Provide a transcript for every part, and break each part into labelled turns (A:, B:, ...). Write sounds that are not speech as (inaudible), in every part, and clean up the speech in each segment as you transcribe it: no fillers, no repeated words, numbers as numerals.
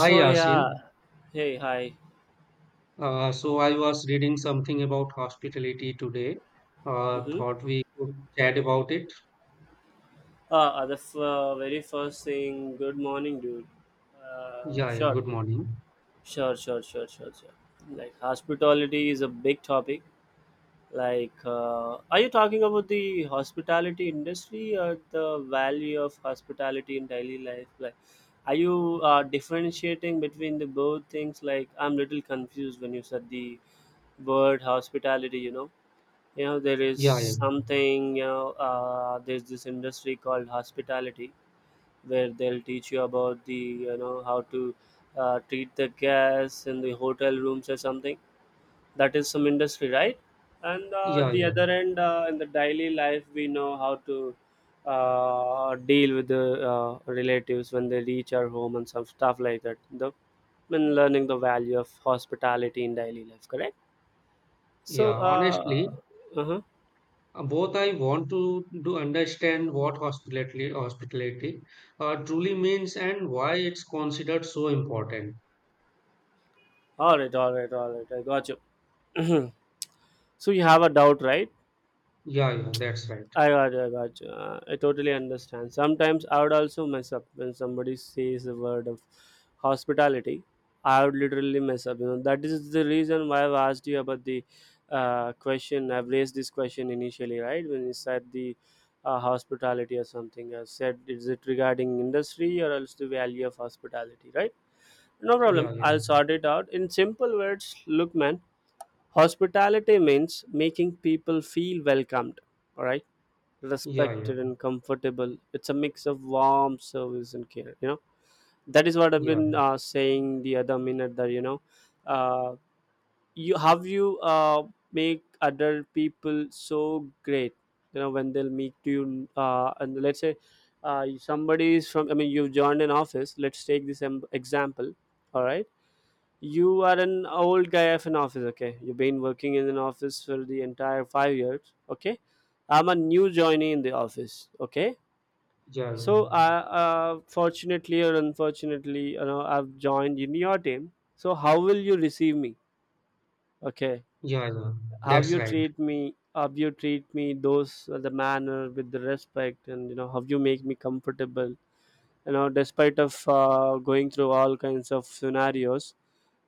A: Hi Yasin.
B: yeah, hey hi.
A: So I was reading something about hospitality today. Uh,
B: Mm-hmm.
A: thought we could chat about it.
B: Very first thing, good morning, dude.
A: Yeah, yeah,
B: Sure,
A: good morning.
B: sure, sure, sure, sure, sure. Like, hospitality is a big topic. Are you talking about the hospitality industry or the value of hospitality in daily life? Like, are you differentiating between the both things? Like, I'm little confused when you said the word hospitality. You know. You know, there is
A: Yeah, yeah,
B: something, you know, there's this industry called hospitality where they'll teach you about the, you know, how to treat the guests in the hotel rooms or something. That is some industry, right? And
A: yeah,
B: the
A: yeah.
B: other end, in the daily life, we know how to deal with the relatives when they reach our home and some stuff like that, the when learning the value of hospitality in daily life, correct?
A: Yeah,
B: so uh,
A: honestly,
B: uh-huh.
A: both I want to do understand what hospitality truly means and why it's considered so important.
B: All right, all right, all right, I got you. (clears throat) So you have a doubt, right?
A: Yeah, yeah, that's right.
B: I got you, I got you. I totally understand. Sometimes I would also mess up when somebody says the word of hospitality. I would literally mess up. You know, that is the reason why I've asked you about the question. I've raised this question initially, right? When you said the hospitality or something, I said, is it regarding industry or else the value of hospitality, right? No problem.
A: Yeah, yeah,
B: I'll sort it out in simple words. Look, man, hospitality means making people feel welcomed, all right,
A: yeah, yeah,
B: respected and comfortable. It's a mix of warmth, service, and care. You know, that is what I've
A: yeah,
B: been saying the other minute. That you know, uh, you have you Make other people so great. You know, when they'll meet you, and let's say somebody is from, I mean, you've joined an office. Let's take this example. All right, you are an old guy of an office, okay? You've been working in an office for the entire 5 years, okay? I'm a new joinee in the office, okay?
A: yeah,
B: So, fortunately or unfortunately, you know, I've joined in your team. So, how will you receive me, okay?
A: yeah, yeah, yeah.
B: How
A: That's
B: you
A: right.
B: treat me? How you treat me? Those The manner with the respect, and you know, how you make me comfortable. You know, despite of going through all kinds of scenarios,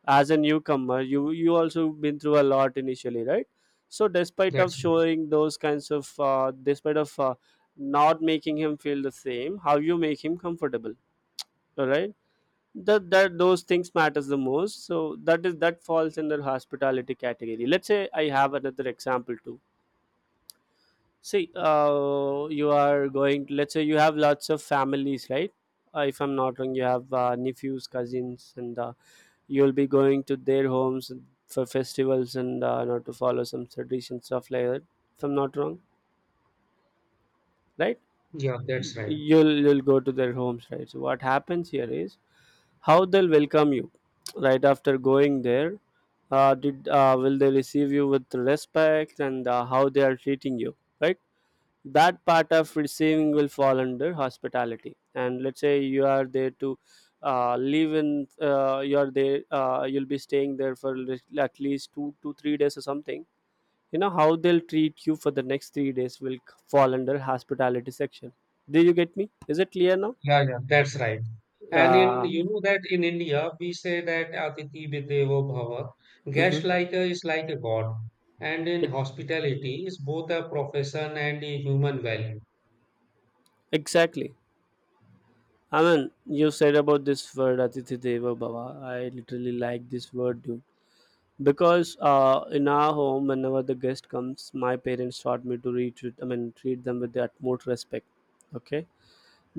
B: as a newcomer, you also been through a lot initially, right? So despite of
A: That's right.
B: showing those kinds of despite of not making him feel the same, how you make him comfortable, all right, that those things matters the most. So that is, that falls in the hospitality category. Let's say I have another example too. See, you are going. Let's say you have lots of families, right? If I'm not wrong, you have nephews, cousins, and you'll be going to their homes for festivals and, you know, to follow some tradition stuff like that. If I'm not wrong, right?
A: Yeah,
B: Y-
A: that's right.
B: You'll you'll go to their homes, right? So what happens here is, how they'll welcome you, right after going there. Did Will they receive you with respect and how they are treating you, right? That part of receiving will fall under hospitality. And let's say you are there to live in you're there, you'll be staying there for at least 2 to 3 days or something. You know how they'll treat you for the next 3 days will fall under hospitality section. Do you get me? Is it clear now?
A: Yeah, yeah, that's right. And in
B: uh,
A: you know that in India we say that Atithi Videvo Bhava,
B: mhm.
A: guest like a, is like a god. And in
B: Ex-
A: hospitality is both a profession and a human value.
B: exactly. I mean, you said about this word, atithi deva bhava. I literally like this word, dude, because in our home, whenever the guest comes, my parents taught me to I mean, treat them with the utmost respect, okay?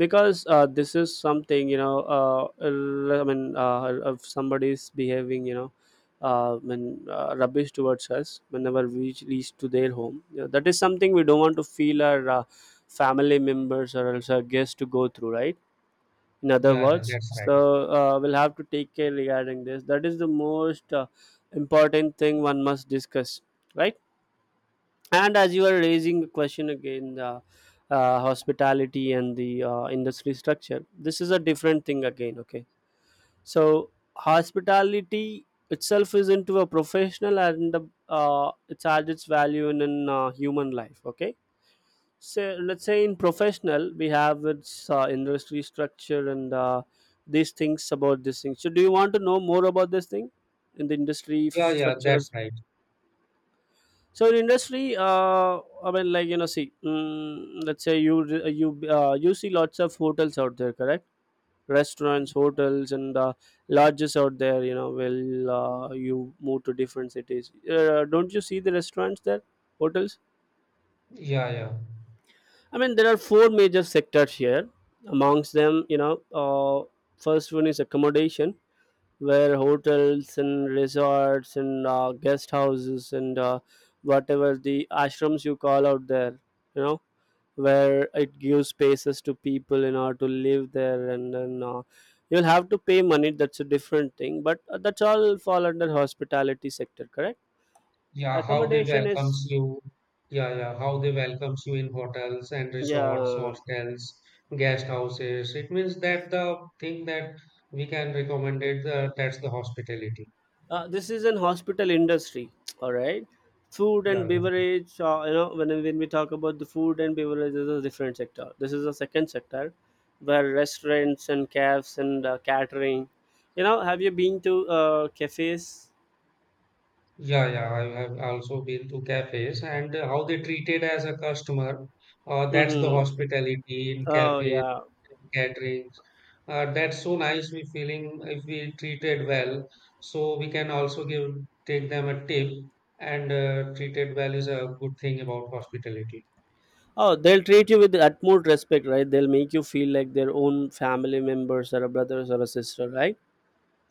B: Because this is something, you know, I mean, if somebody is behaving, you know, rubbish towards us whenever we reach to their home, you know, that is something we don't want to feel our family members or else our guests to go through, right? In other
A: Yeah, yeah,
B: words,
A: that's right.
B: so we'll have to take care regarding this. That is the most important thing one must discuss, right? And as you are raising the question again, the hospitality and the industry structure, this is a different thing again, okay? So hospitality itself is into a professional and the, it's had its value in, human life, okay? So let's say in professional, we have its industry structure and these things about these things. So do you want to know more about this thing in the industry
A: Yeah, yeah,
B: structure?
A: that's right.
B: So in industry, I mean, like, you know, see, let's say you you see lots of hotels out there, correct? Restaurants, hotels, and lodges out there. You know, will you move to different cities? Don't you see the restaurants there, hotels?
A: Yeah, yeah,
B: I mean, there are four major sectors here. Amongst them, you know, first one is accommodation, where hotels and resorts and guest houses and whatever the ashrams you call out there, you know, where it gives spaces to people in order to live there, and then you'll have to pay money. That's a different thing, but that's all fall under hospitality sector, correct?
A: yeah. How they
B: Accommodation is
A: welcomes you. Yeah, yeah. How they welcomes you in hotels and resorts,
B: yeah.
A: hostels, guest houses. It means that the thing that we can recommend it. That's the hospitality.
B: This is an hospital industry. (tsk) All right. Food and
A: Yeah, yeah.
B: beverage, you know, when we talk about the food and beverage is a different sector. This is a second sector where restaurants and cafes and catering. You know, have you been to cafes?
A: Yeah, yeah, I have also been to cafes and how they treat it as a customer. That's the
B: Mm-hmm.
A: hospitality in
B: Oh
A: cafes,
B: yeah.
A: in caterings. That's so nice. We feeling if we treated well, so we can also give take them a tip and treated well is a good thing about hospitality.
B: Oh, they'll treat you with the utmost respect, right? They'll make you feel like their own family members or a brothers or a sister, right?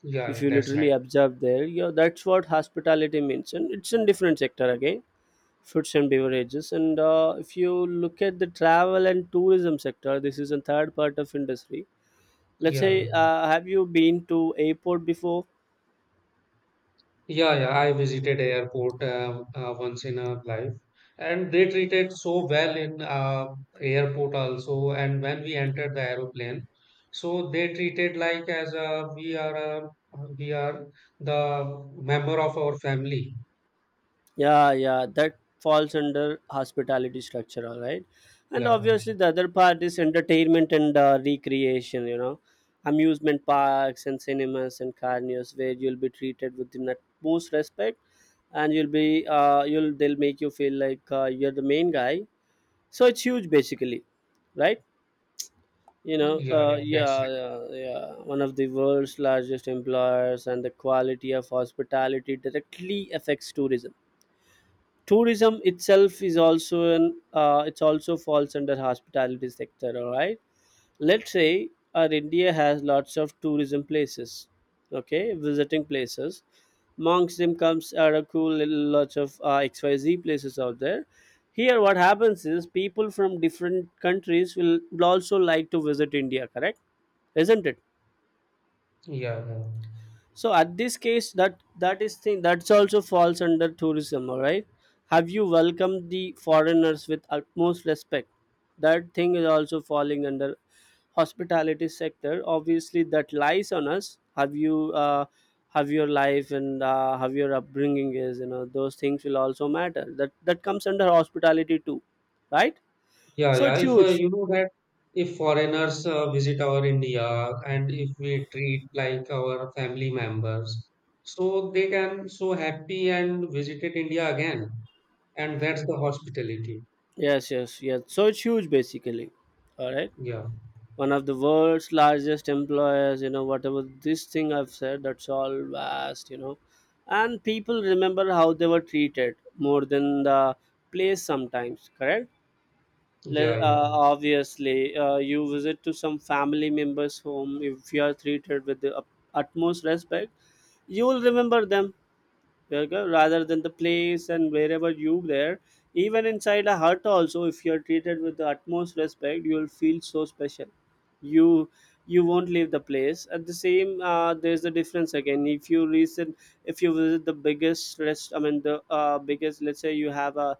A: Yeah,
B: If
A: yeah,
B: you
A: that's right.
B: literally observe there, yeah, that's what hospitality means, and it's in different sector again, foods and beverages. And if you look at the travel and tourism sector, this is a third part of industry. Let's
A: Yeah, yeah.
B: say, have you been to airport before?
A: Yeah, yeah, I visited airport once in a life, and they treated so well in airport also. And when we entered the aeroplane, so they treated like as a, we are the member of our family.
B: Yeah, yeah, that falls under hospitality structure, all right. And
A: Yeah,
B: obviously the other part is entertainment and recreation, you know, amusement parks and cinemas and carnios, where you'll be treated with the most respect, and you'll be you'll they'll make you feel like you're the main guy. So it's huge basically, right? You know,
A: yeah, yeah, that's it.
B: yeah, one of the world's largest employers, and the quality of hospitality directly affects tourism. Tourism itself is also an it's also falls under hospitality sector, all right. Let's say our India has lots of tourism places, okay, visiting places. Amongst them comes are a cool little lots of xyz places out there. Here what happens is, people from different countries will also like to visit India, correct? Isn't it?
A: Yeah, yeah.
B: So at this case, that is thing that's also falls under tourism, all right? Have you welcomed the foreigners with utmost respect? That thing is also falling under hospitality sector. Obviously, that lies on us. Have you have your life and have your upbringing is, you know, those things will also matter. That comes under hospitality too, right?
A: Yeah,
B: So
A: yeah.
B: it's
A: If
B: huge.
A: you know that if foreigners visit our India and if we treat like our family members, so they can so happy and visited India again. And that's the hospitality.
B: Yes, yes, yes. So it's huge basically. All right,
A: Yeah,
B: one of the world's largest employers, you know, whatever this thing I've said, that's all vast, you know. And people remember how they were treated more than the place sometimes, correct?
A: yeah, yeah,
B: Obviously, you visit to some family members home. If you are treated with the utmost respect, you will remember them, where rather than the place and wherever you there. Even inside a hut also, if you're treated with the utmost respect, you'll feel so special. You you won't leave the place at the same. There's the difference again. If you visit the biggest rest I mean the, biggest, let's say you have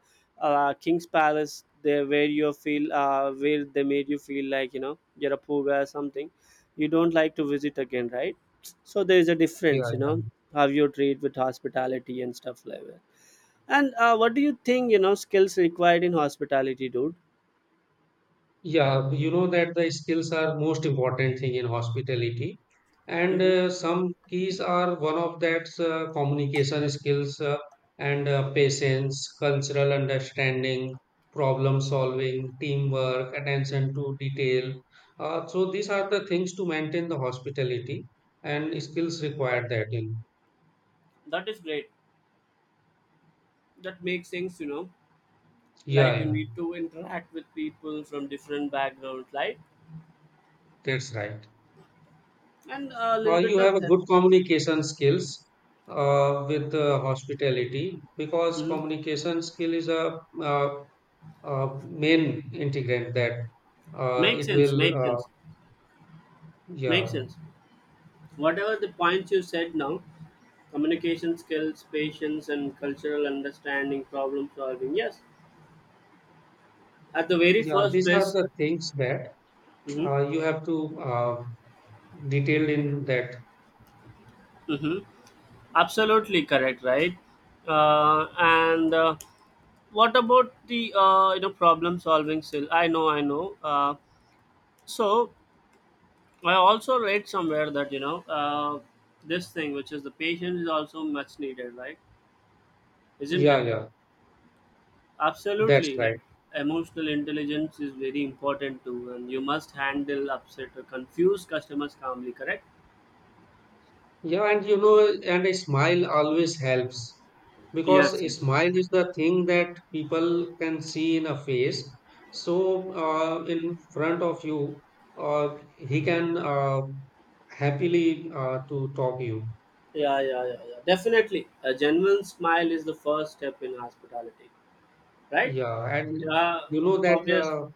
B: a king's palace there, where you feel, where they made you feel like, you know, you're a poor guy or something, you don't like to visit again, right? So there is a
A: yeah,
B: difference, you know,
A: yeah.
B: how you treat with hospitality and stuff like that. And what do you think, you know, skills required in hospitality, dude?
A: Yeah, you know that the skills are most important thing in hospitality, and
B: Mhm.
A: some keys are one of that communication skills and patience, cultural understanding, problem solving, teamwork, attention to detail. So these are the things to maintain the hospitality and skills required that in.
B: That is great. That makes sense, you know.
A: Yeah,
B: Like, you
A: yeah,
B: need to interact with people from different backgrounds, right?
A: that's right.
B: And a
A: Uh,
B: little
A: you
B: bit
A: have
B: of
A: a
B: that.
A: good communication skills with hospitality because
B: Mhm.
A: communication skill is a, uh main integrant that uh,
B: Makes
A: it
B: sense.
A: will
B: Makes sense.
A: yeah
B: Makes sense. Whatever the points you said now, communication skills, patience, and cultural understanding, problem solving. Yes, at the very
A: yeah
B: first
A: these are
B: place.
A: the things that
B: Mm-hmm.
A: you have to detail in that
B: Mm-hmm. Absolutely correct, right? And What about the you know, problem solving skill? I know, I know. So I also read somewhere that this thing, which is the patience, is also much needed, right? Isn't
A: yeah
B: it?
A: yeah that's
B: Absolutely, like
A: right.
B: emotional intelligence is very important too, and you must handle upset or confused customers calmly. Correct?
A: Yeah, and you know, and a smile always helps because
B: Yes,
A: a
B: yes.
A: smile is the thing that people can see in a face. So, in front of you, he can happily to talk you.
B: Yeah, yeah, yeah, yeah. Definitely, a genuine smile is the first step in hospitality, right?
A: Yeah, and
B: Yeah,
A: you know that
B: obvious.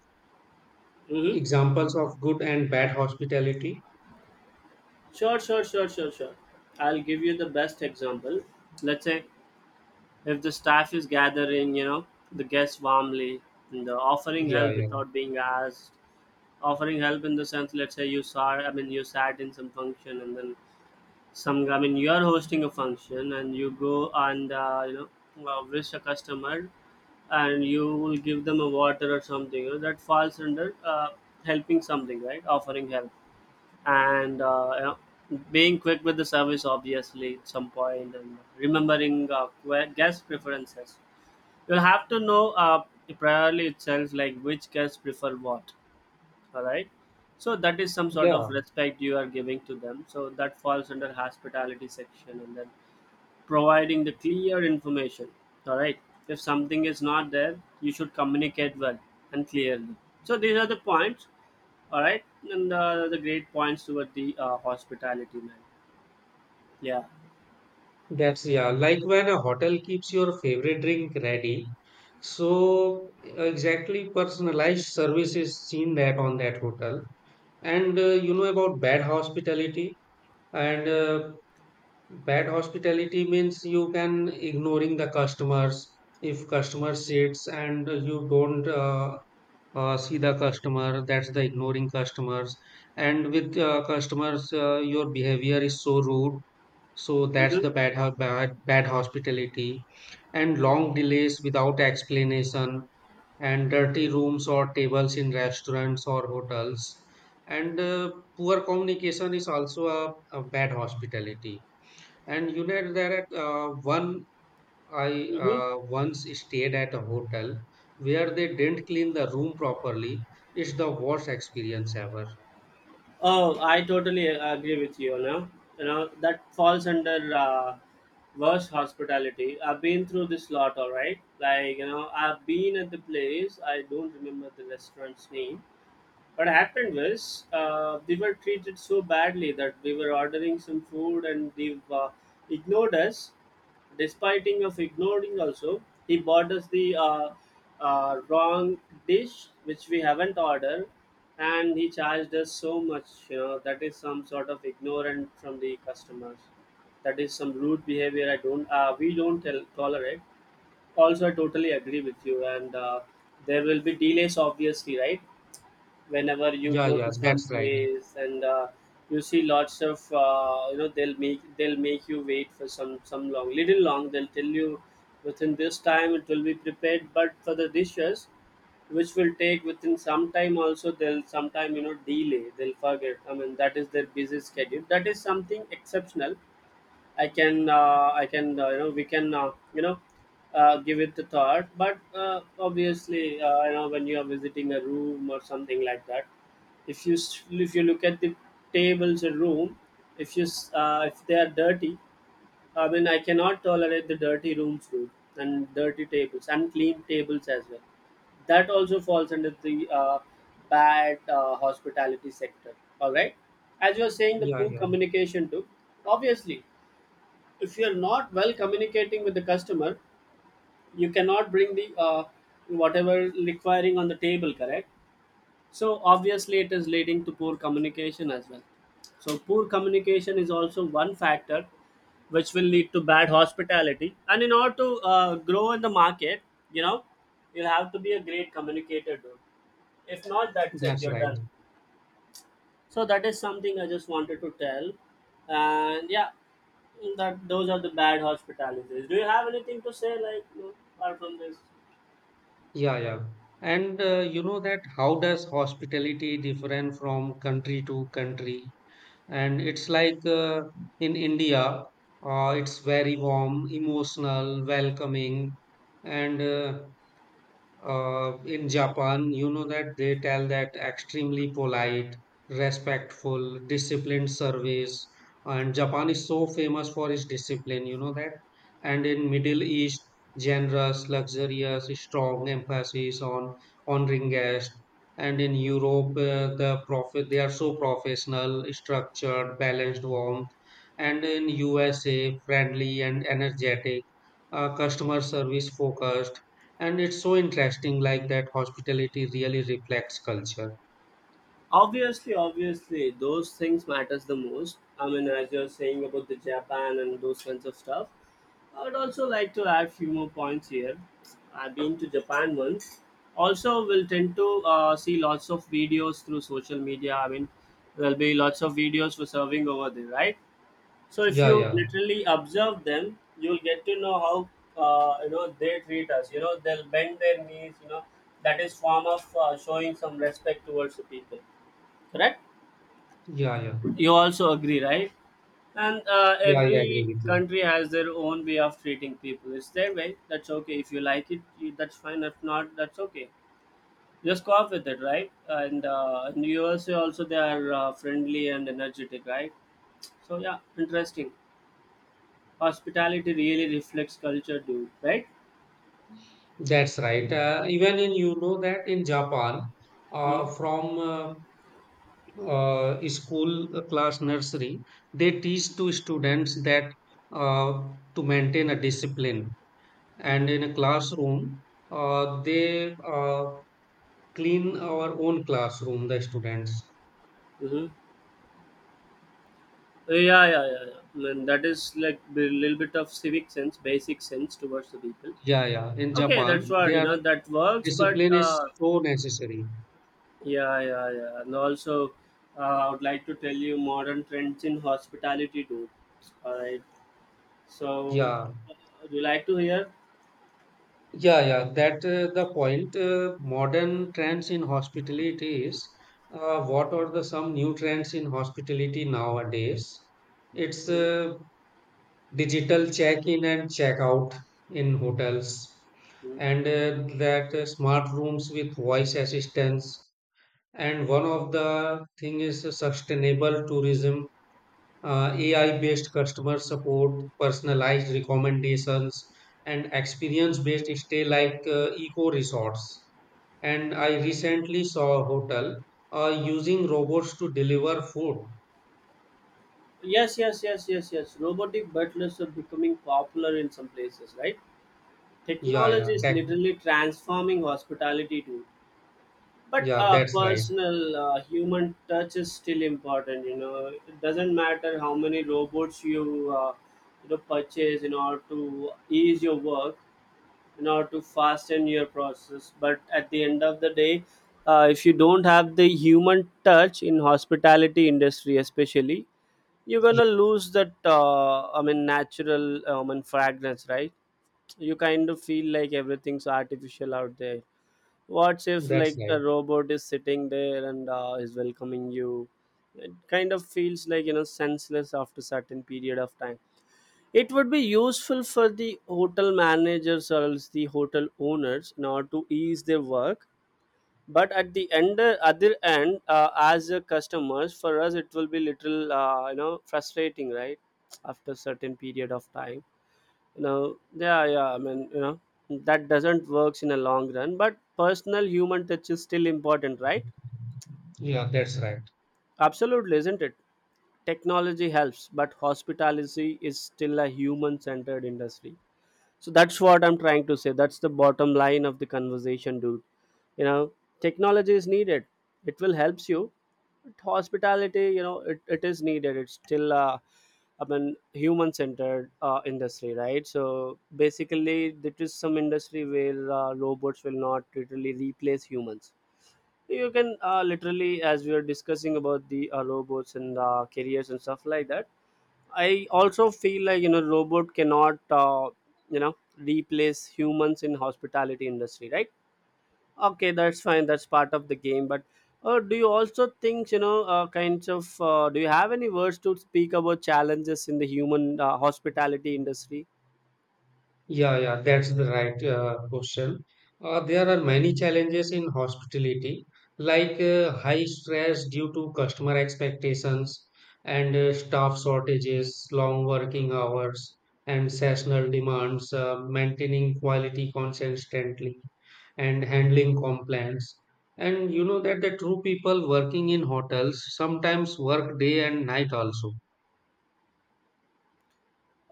B: Hmm.
A: examples of good and bad hospitality.
B: Sure, sure, sure, sure, sure. I'll give you the best example. Let's say if the staff is gathering, you know, the guests warmly, and the offering
A: Yeah,
B: help
A: yeah,
B: without being asked, offering help in the sense, let's say you saw, I mean, you sat in some function, and then some, I mean, you're hosting a function, and you go and wish a customer, and you will give them a water or something. You know, that falls under helping something, right? Offering help and being quick with the service obviously at some point and remembering guest preferences. You'll have to know priorly itself like which guests prefer what. All right, so that is some sort
A: yeah.
B: of respect you are giving to them, so that falls under hospitality section. And then providing the clear information. All right, if something is not there you should communicate well and clearly. So these are the points, all right, and the great points toward the hospitality, man. Yeah.
A: That's yeah, like when a hotel keeps your favorite drink ready. So exactly personalized service is seen that on that hotel. And you know about bad hospitality and bad hospitality means you can ignoring the customers if customer sits and you don't see the customer that's the ignoring customers and with customers your behavior is so rude so that's
B: Mm-hmm.
A: the bad hospitality and long delays without explanation and dirty rooms or tables in restaurants or hotels. And poor communication is also a bad hospitality. And you know, there at one, I
B: Mm-hmm.
A: once stayed at a hotel where they didn't clean the room properly. It's the worst experience ever.
B: Oh, I totally agree with you. Now, you know that falls under worst hospitality. I've been through this lot. All right, like you know, I've been at the place. I don't remember the restaurant's name. What happened was we were treated so badly that we were ordering some food and they ignored us. Despiting of ignoring also, he bought us the wrong dish which we haven't ordered, and he charged us so much. You know that is some sort of ignorance from the customers. That is some rude behavior. I don't. We don't tell, tolerate. Also, I totally agree with you, and there will be delays obviously, right? Whenever you
A: Yeah,
B: go
A: yeah,
B: to some
A: that's right.
B: place and you see lots of you know, they'll make you wait for some long little long they'll tell you within this time it will be prepared, but for the dishes which will take within some time also they'll sometime, you know, delay, they'll forget. I mean, that is their busy schedule, that is something exceptional. I can, you know, We can, give it the thought. But obviously, you know, when you are visiting a room or something like that, if you look at the tables in room, if you s- if they are dirty, I mean, I cannot tolerate the dirty rooms too, and dirty tables, unclean tables as well. That also falls under the bad hospitality sector. All right, as you are saying, the
A: Yeah,
B: poor
A: yeah,
B: communication too. Obviously, if you're not well communicating with the customer, you cannot bring the whatever requiring on the table, correct? So obviously it is leading to poor communication as well. So poor communication is also one factor which will lead to bad hospitality. And in order to grow in the market, you know, you have to be a great communicator, dude. If not, that's it,
A: that's
B: you're
A: right.
B: done. So that is something I just wanted to tell. And yeah, that, those are the bad hospitalities. Do you have anything to say, like no, apart from this?
A: Yeah, yeah. And you know that how does hospitality different from country to country? And it's like in India, it's very warm, emotional, welcoming, and in Japan, you know that they tell that extremely polite, respectful, disciplined service. And Japan is so famous for its discipline, you know that. And in Middle East, generous, luxurious, strong emphasis on honoring guests. And in Europe, the profit they are so professional, structured, balanced, warmth. And in USA, friendly and energetic, customer service focused and it's so interesting, like that hospitality really reflects culture.
B: Obviously, obviously, those things matters the most. I mean, as you're saying about the Japan and those kinds of stuff, I would also like to add few more points here. I've been to Japan once. Also, we'll tend to see lots of videos through social media. I mean, there'll be lots of videos for serving over there, right? So if
A: Yeah,
B: you
A: yeah,
B: literally observe them, you'll get to know how, you know, they treat us. You know they'll bend their knees. You know that is form of showing some respect towards the people. Correct?
A: yeah, yeah,
B: You also agree, right? And
A: yeah. I agree
B: every
A: with you.
B: country has their own way of treating people. It's their way. That's okay. If you like it, you, that's fine. If not, that's okay. Just go off with it, right? And in USA also they are friendly and energetic, right? So yeah, interesting. Hospitality really reflects culture, dude, right?
A: That's right. Even in you know that in Japan, uh,
B: Mm-hmm.
A: from uh, uh, school class nursery, they teach to students that uh, to maintain a discipline. And
B: Mm-hmm.
A: in a classroom, they clean our own classroom, the students.
B: Hmm. Yeah, yeah, yeah, yeah. And that is like a little bit of civic sense, basic sense towards the people.
A: Yeah, yeah. In
B: Okay, that's
A: Japan, they
B: what you
A: are
B: know. That works, but
A: discipline is so necessary.
B: yeah, yeah, yeah. And also, I would like to tell you modern trends in hospitality, dude. All right. So,
A: Yeah,
B: uh, would you like to hear?
A: yeah, yeah. That the point. Modern trends in hospitality is what are the some new trends in hospitality nowadays? It's
B: Mhm,
A: digital check-in and check-out in hotels,
B: mhm.
A: and that smart rooms with voice assistance. And one of the thing is sustainable tourism AI-based customer support, personalized recommendations, and experience-based stay like eco resorts. And I recently saw a hotel using robots to deliver food.
B: Yes, yes, yes, yes, yes. Robotic butlers are becoming popular in some places, right?
A: Yeah, yeah,
B: Technology is
A: that,
B: literally transforming hospitality too. But
A: yeah, that's right.
B: personal human touch is still important. You know, it doesn't matter how many robots you you know purchase in order to ease your work, in order to fasten your process. But at the end of the day, if you don't have the human touch in hospitality industry, especially, you're
A: Yeah,
B: gonna lose that. I mean, natural. I fragrance, right? You kind of feel like everything's artificial out there. What if
A: that's
B: like
A: right.
B: a robot is sitting there and is welcoming you? It kind of feels like, you know, senseless after certain period of time. It would be useful for the hotel managers or else the hotel owners in order to ease their work, but at the end, other end, as a customers for us it will be little, you know, frustrating, right, after certain period of time. You know, yeah, yeah, I mean, you know, that doesn't works in a long run. But personal human touch is still important, right?
A: Yeah, that's right.
B: Absolutely, isn't it? Technology helps, but hospitality is still a human centered industry. So that's what I'm trying to say. That's the bottom line of the conversation, dude. You know, technology is needed, it will helps you, but hospitality, you know, it is needed, it's still I mean human centered industry, right? So basically there is some industry where robots will not literally replace humans. You can literally, as we are discussing about the robots and careers and stuff like that, I also feel like, you know, robot cannot you know replace humans in hospitality industry, right? Okay, that's fine. That's part of the game. But do you also think, you know, kinds of do you have any words to speak about challenges in the human hospitality industry?
A: Yeah, yeah, that's the right question. There are many challenges in hospitality, like high stress due to customer expectations and staff shortages, long working hours, and seasonal demands, maintaining quality consistently, and handling complaints. And you know that the true people working in hotels sometimes work day and night also.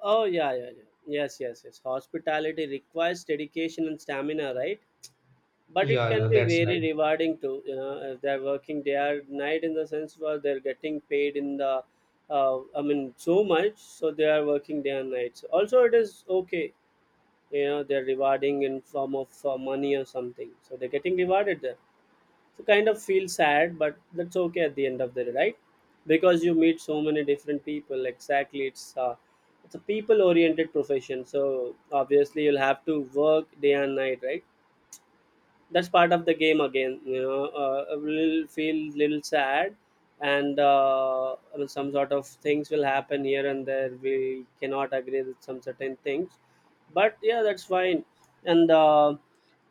B: Oh yeah, yeah, yeah. Yes, yes, yes. Hospitality requires dedication and stamina, right? But it
A: Yeah, yeah,
B: can be
A: that's
B: very
A: right.
B: rewarding too, you know, if they're working day or night, in the sense where they're getting paid in the I mean so much, so they are working day and nights also, it is okay. You know, they're rewarding in form of money or something, so they're getting rewarded there. So kind of feel sad, but that's okay at the end of the day, right? Because you meet so many different people, exactly. It's it's a people oriented profession, so obviously you'll have to work day and night, right? That's part of the game again, you know. I will feel little sad, and I mean, some sort of things will happen here and there, we cannot agree with some certain things, but yeah, that's fine. And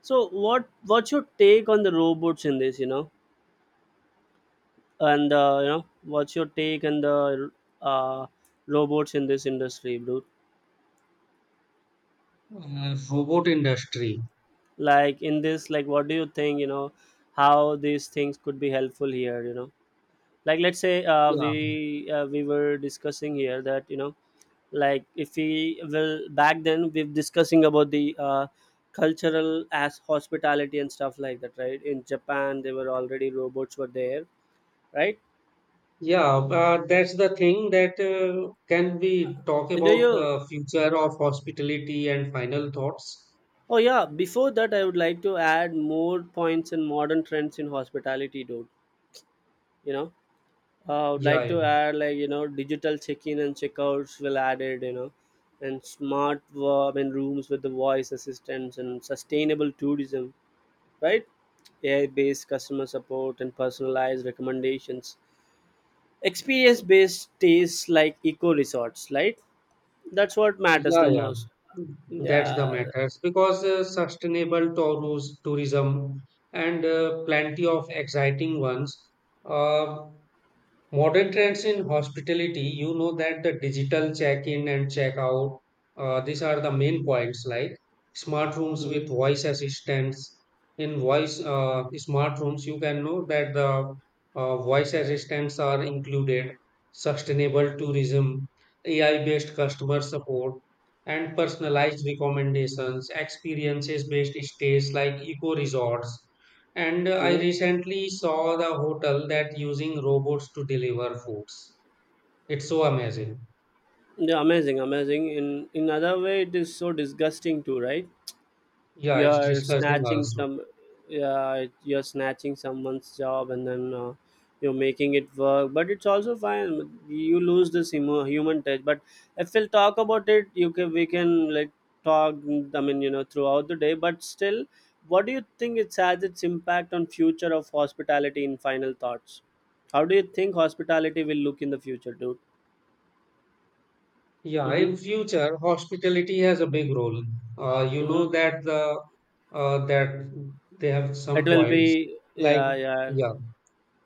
B: so what's your take on the robots in this, you know, and you know, what's your take on the uh, robots in this industry, dude?
A: Robot industry.
B: Like in this, like what do you think, you know, how these things could be helpful here, you know, like let's say
A: Yeah.
B: we were discussing here that, you know, like if we will back then, we are discussing about the cultural as hospitality and stuff like that, right? In Japan they were already robots were there, right?
A: Yeah, that's the thing that can we talk
B: Do
A: about
B: you,
A: the future of hospitality and final thoughts?
B: oh yeah, before that I would like to add more points and modern trends in hospitality, dude, you know. I would
A: Yeah,
B: like
A: yeah,
B: to add, like, you know, digital check-in and check-outs will added, you know, and I mean, rooms with the voice assistants and sustainable tourism, right? AI-based customer support and personalized recommendations. Experience-based stays like eco resorts, right? That's what matters
A: yeah,
B: the
A: yeah.
B: most.
A: Mm, that's the
B: Yeah.
A: matters because sustainable tourism and plenty of exciting ones. Uh, Modern trends in hospitality, you know that the digital check-in and check-out, these are the main points like smart rooms
B: Mm-hmm.
A: with voice assistants. In voice smart rooms, you can know that the voice assistants are included, sustainable tourism, AI-based customer support, and personalized recommendations, experiences-based stays like eco resorts and I
B: Mm-hmm.
A: recently saw the hotel that using robots to deliver foods. It's so amazing.
B: Yeah, amazing, amazing. In other way, it is so disgusting too, right?
A: Yeah, it's
B: You're
A: disgusting
B: snatching
A: also.
B: some, yeah, you're snatching someone's job and then you're making it work, but it's also fine, you lose this human touch. But if we'll talk about it, you can, we can like talk, I mean, you know, throughout the day, but still, what do you think, it has its impact on future of hospitality in final thoughts? How do you think hospitality will look in the future, dude?
A: Yeah,
B: Mm-hmm,
A: in future, hospitality has a big role. You know
B: mm-hmm.
A: that the that they have
B: It
A: some
B: will
A: points
B: be,
A: like
B: yeah, yeah.
A: yeah.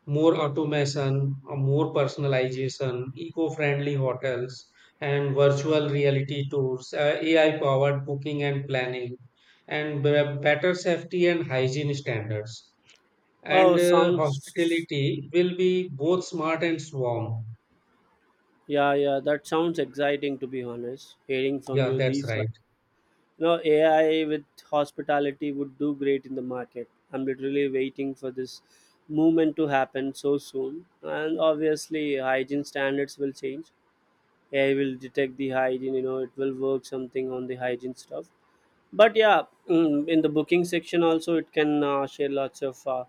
A: More automation, more personalization, eco-friendly hotels, and virtual reality tours, AI-powered booking and planning, and better safety and hygiene standards.
B: Oh,
A: And
B: sounds,
A: hospitality will be both smart and warm.
B: yeah, yeah, that sounds exciting to be honest. Hearing from
A: Yeah,
B: you
A: that's
B: these, wa-,
A: right.
B: you know, AI with hospitality would do great in the market. I'm literally waiting for this movement to happen so soon. And obviously, hygiene standards will change. AI will detect the hygiene. You know, it will work something on the hygiene stuff, but yeah. Mm, in the booking section also it can share lots of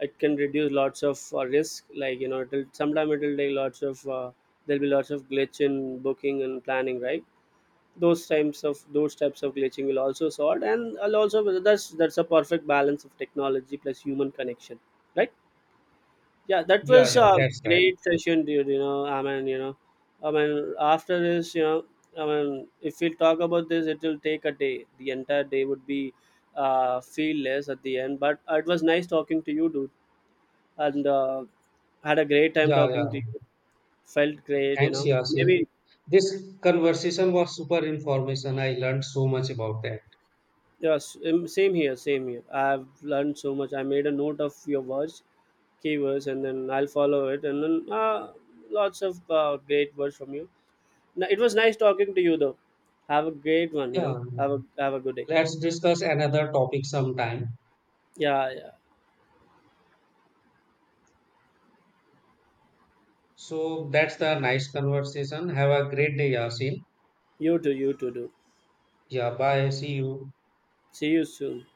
B: it can reduce lots of risk. Like, you know, it'll sometime, it'll take lots of there'll be lots of glitch in booking and planning, right? Those types of, those types of glitching will also sort and I'll also, that's a perfect balance of technology plus human connection, right? Yeah, that
A: Yeah,
B: was
A: yeah,
B: a
A: that's right.
B: great session, dude. You know, I mean, you know, I mean, after this, you know, I mean, if we talk about this, it will take a day. The entire day would be feel less at the end. But it was nice talking to you, dude, and had a great time
A: Yeah,
B: talking to you.
A: yeah.
B: Felt great, you
A: Thanks,
B: know.
A: Yasin.
B: Maybe
A: This conversation was super information. I learned so much about that.
B: yes, same here, same here. I've learned so much. I made a note of your words, keywords, and then I'll follow it, and then lots of great words from you. No, it was nice talking to you though. Have a great one, you
A: Yeah,
B: know. Have a good day.
A: let's discuss another topic sometime.
B: Yeah, yeah.
A: So that's the nice conversation. Have a great day, Yasin.
B: You too do.
A: Yeah, bye. See you.
B: See you soon.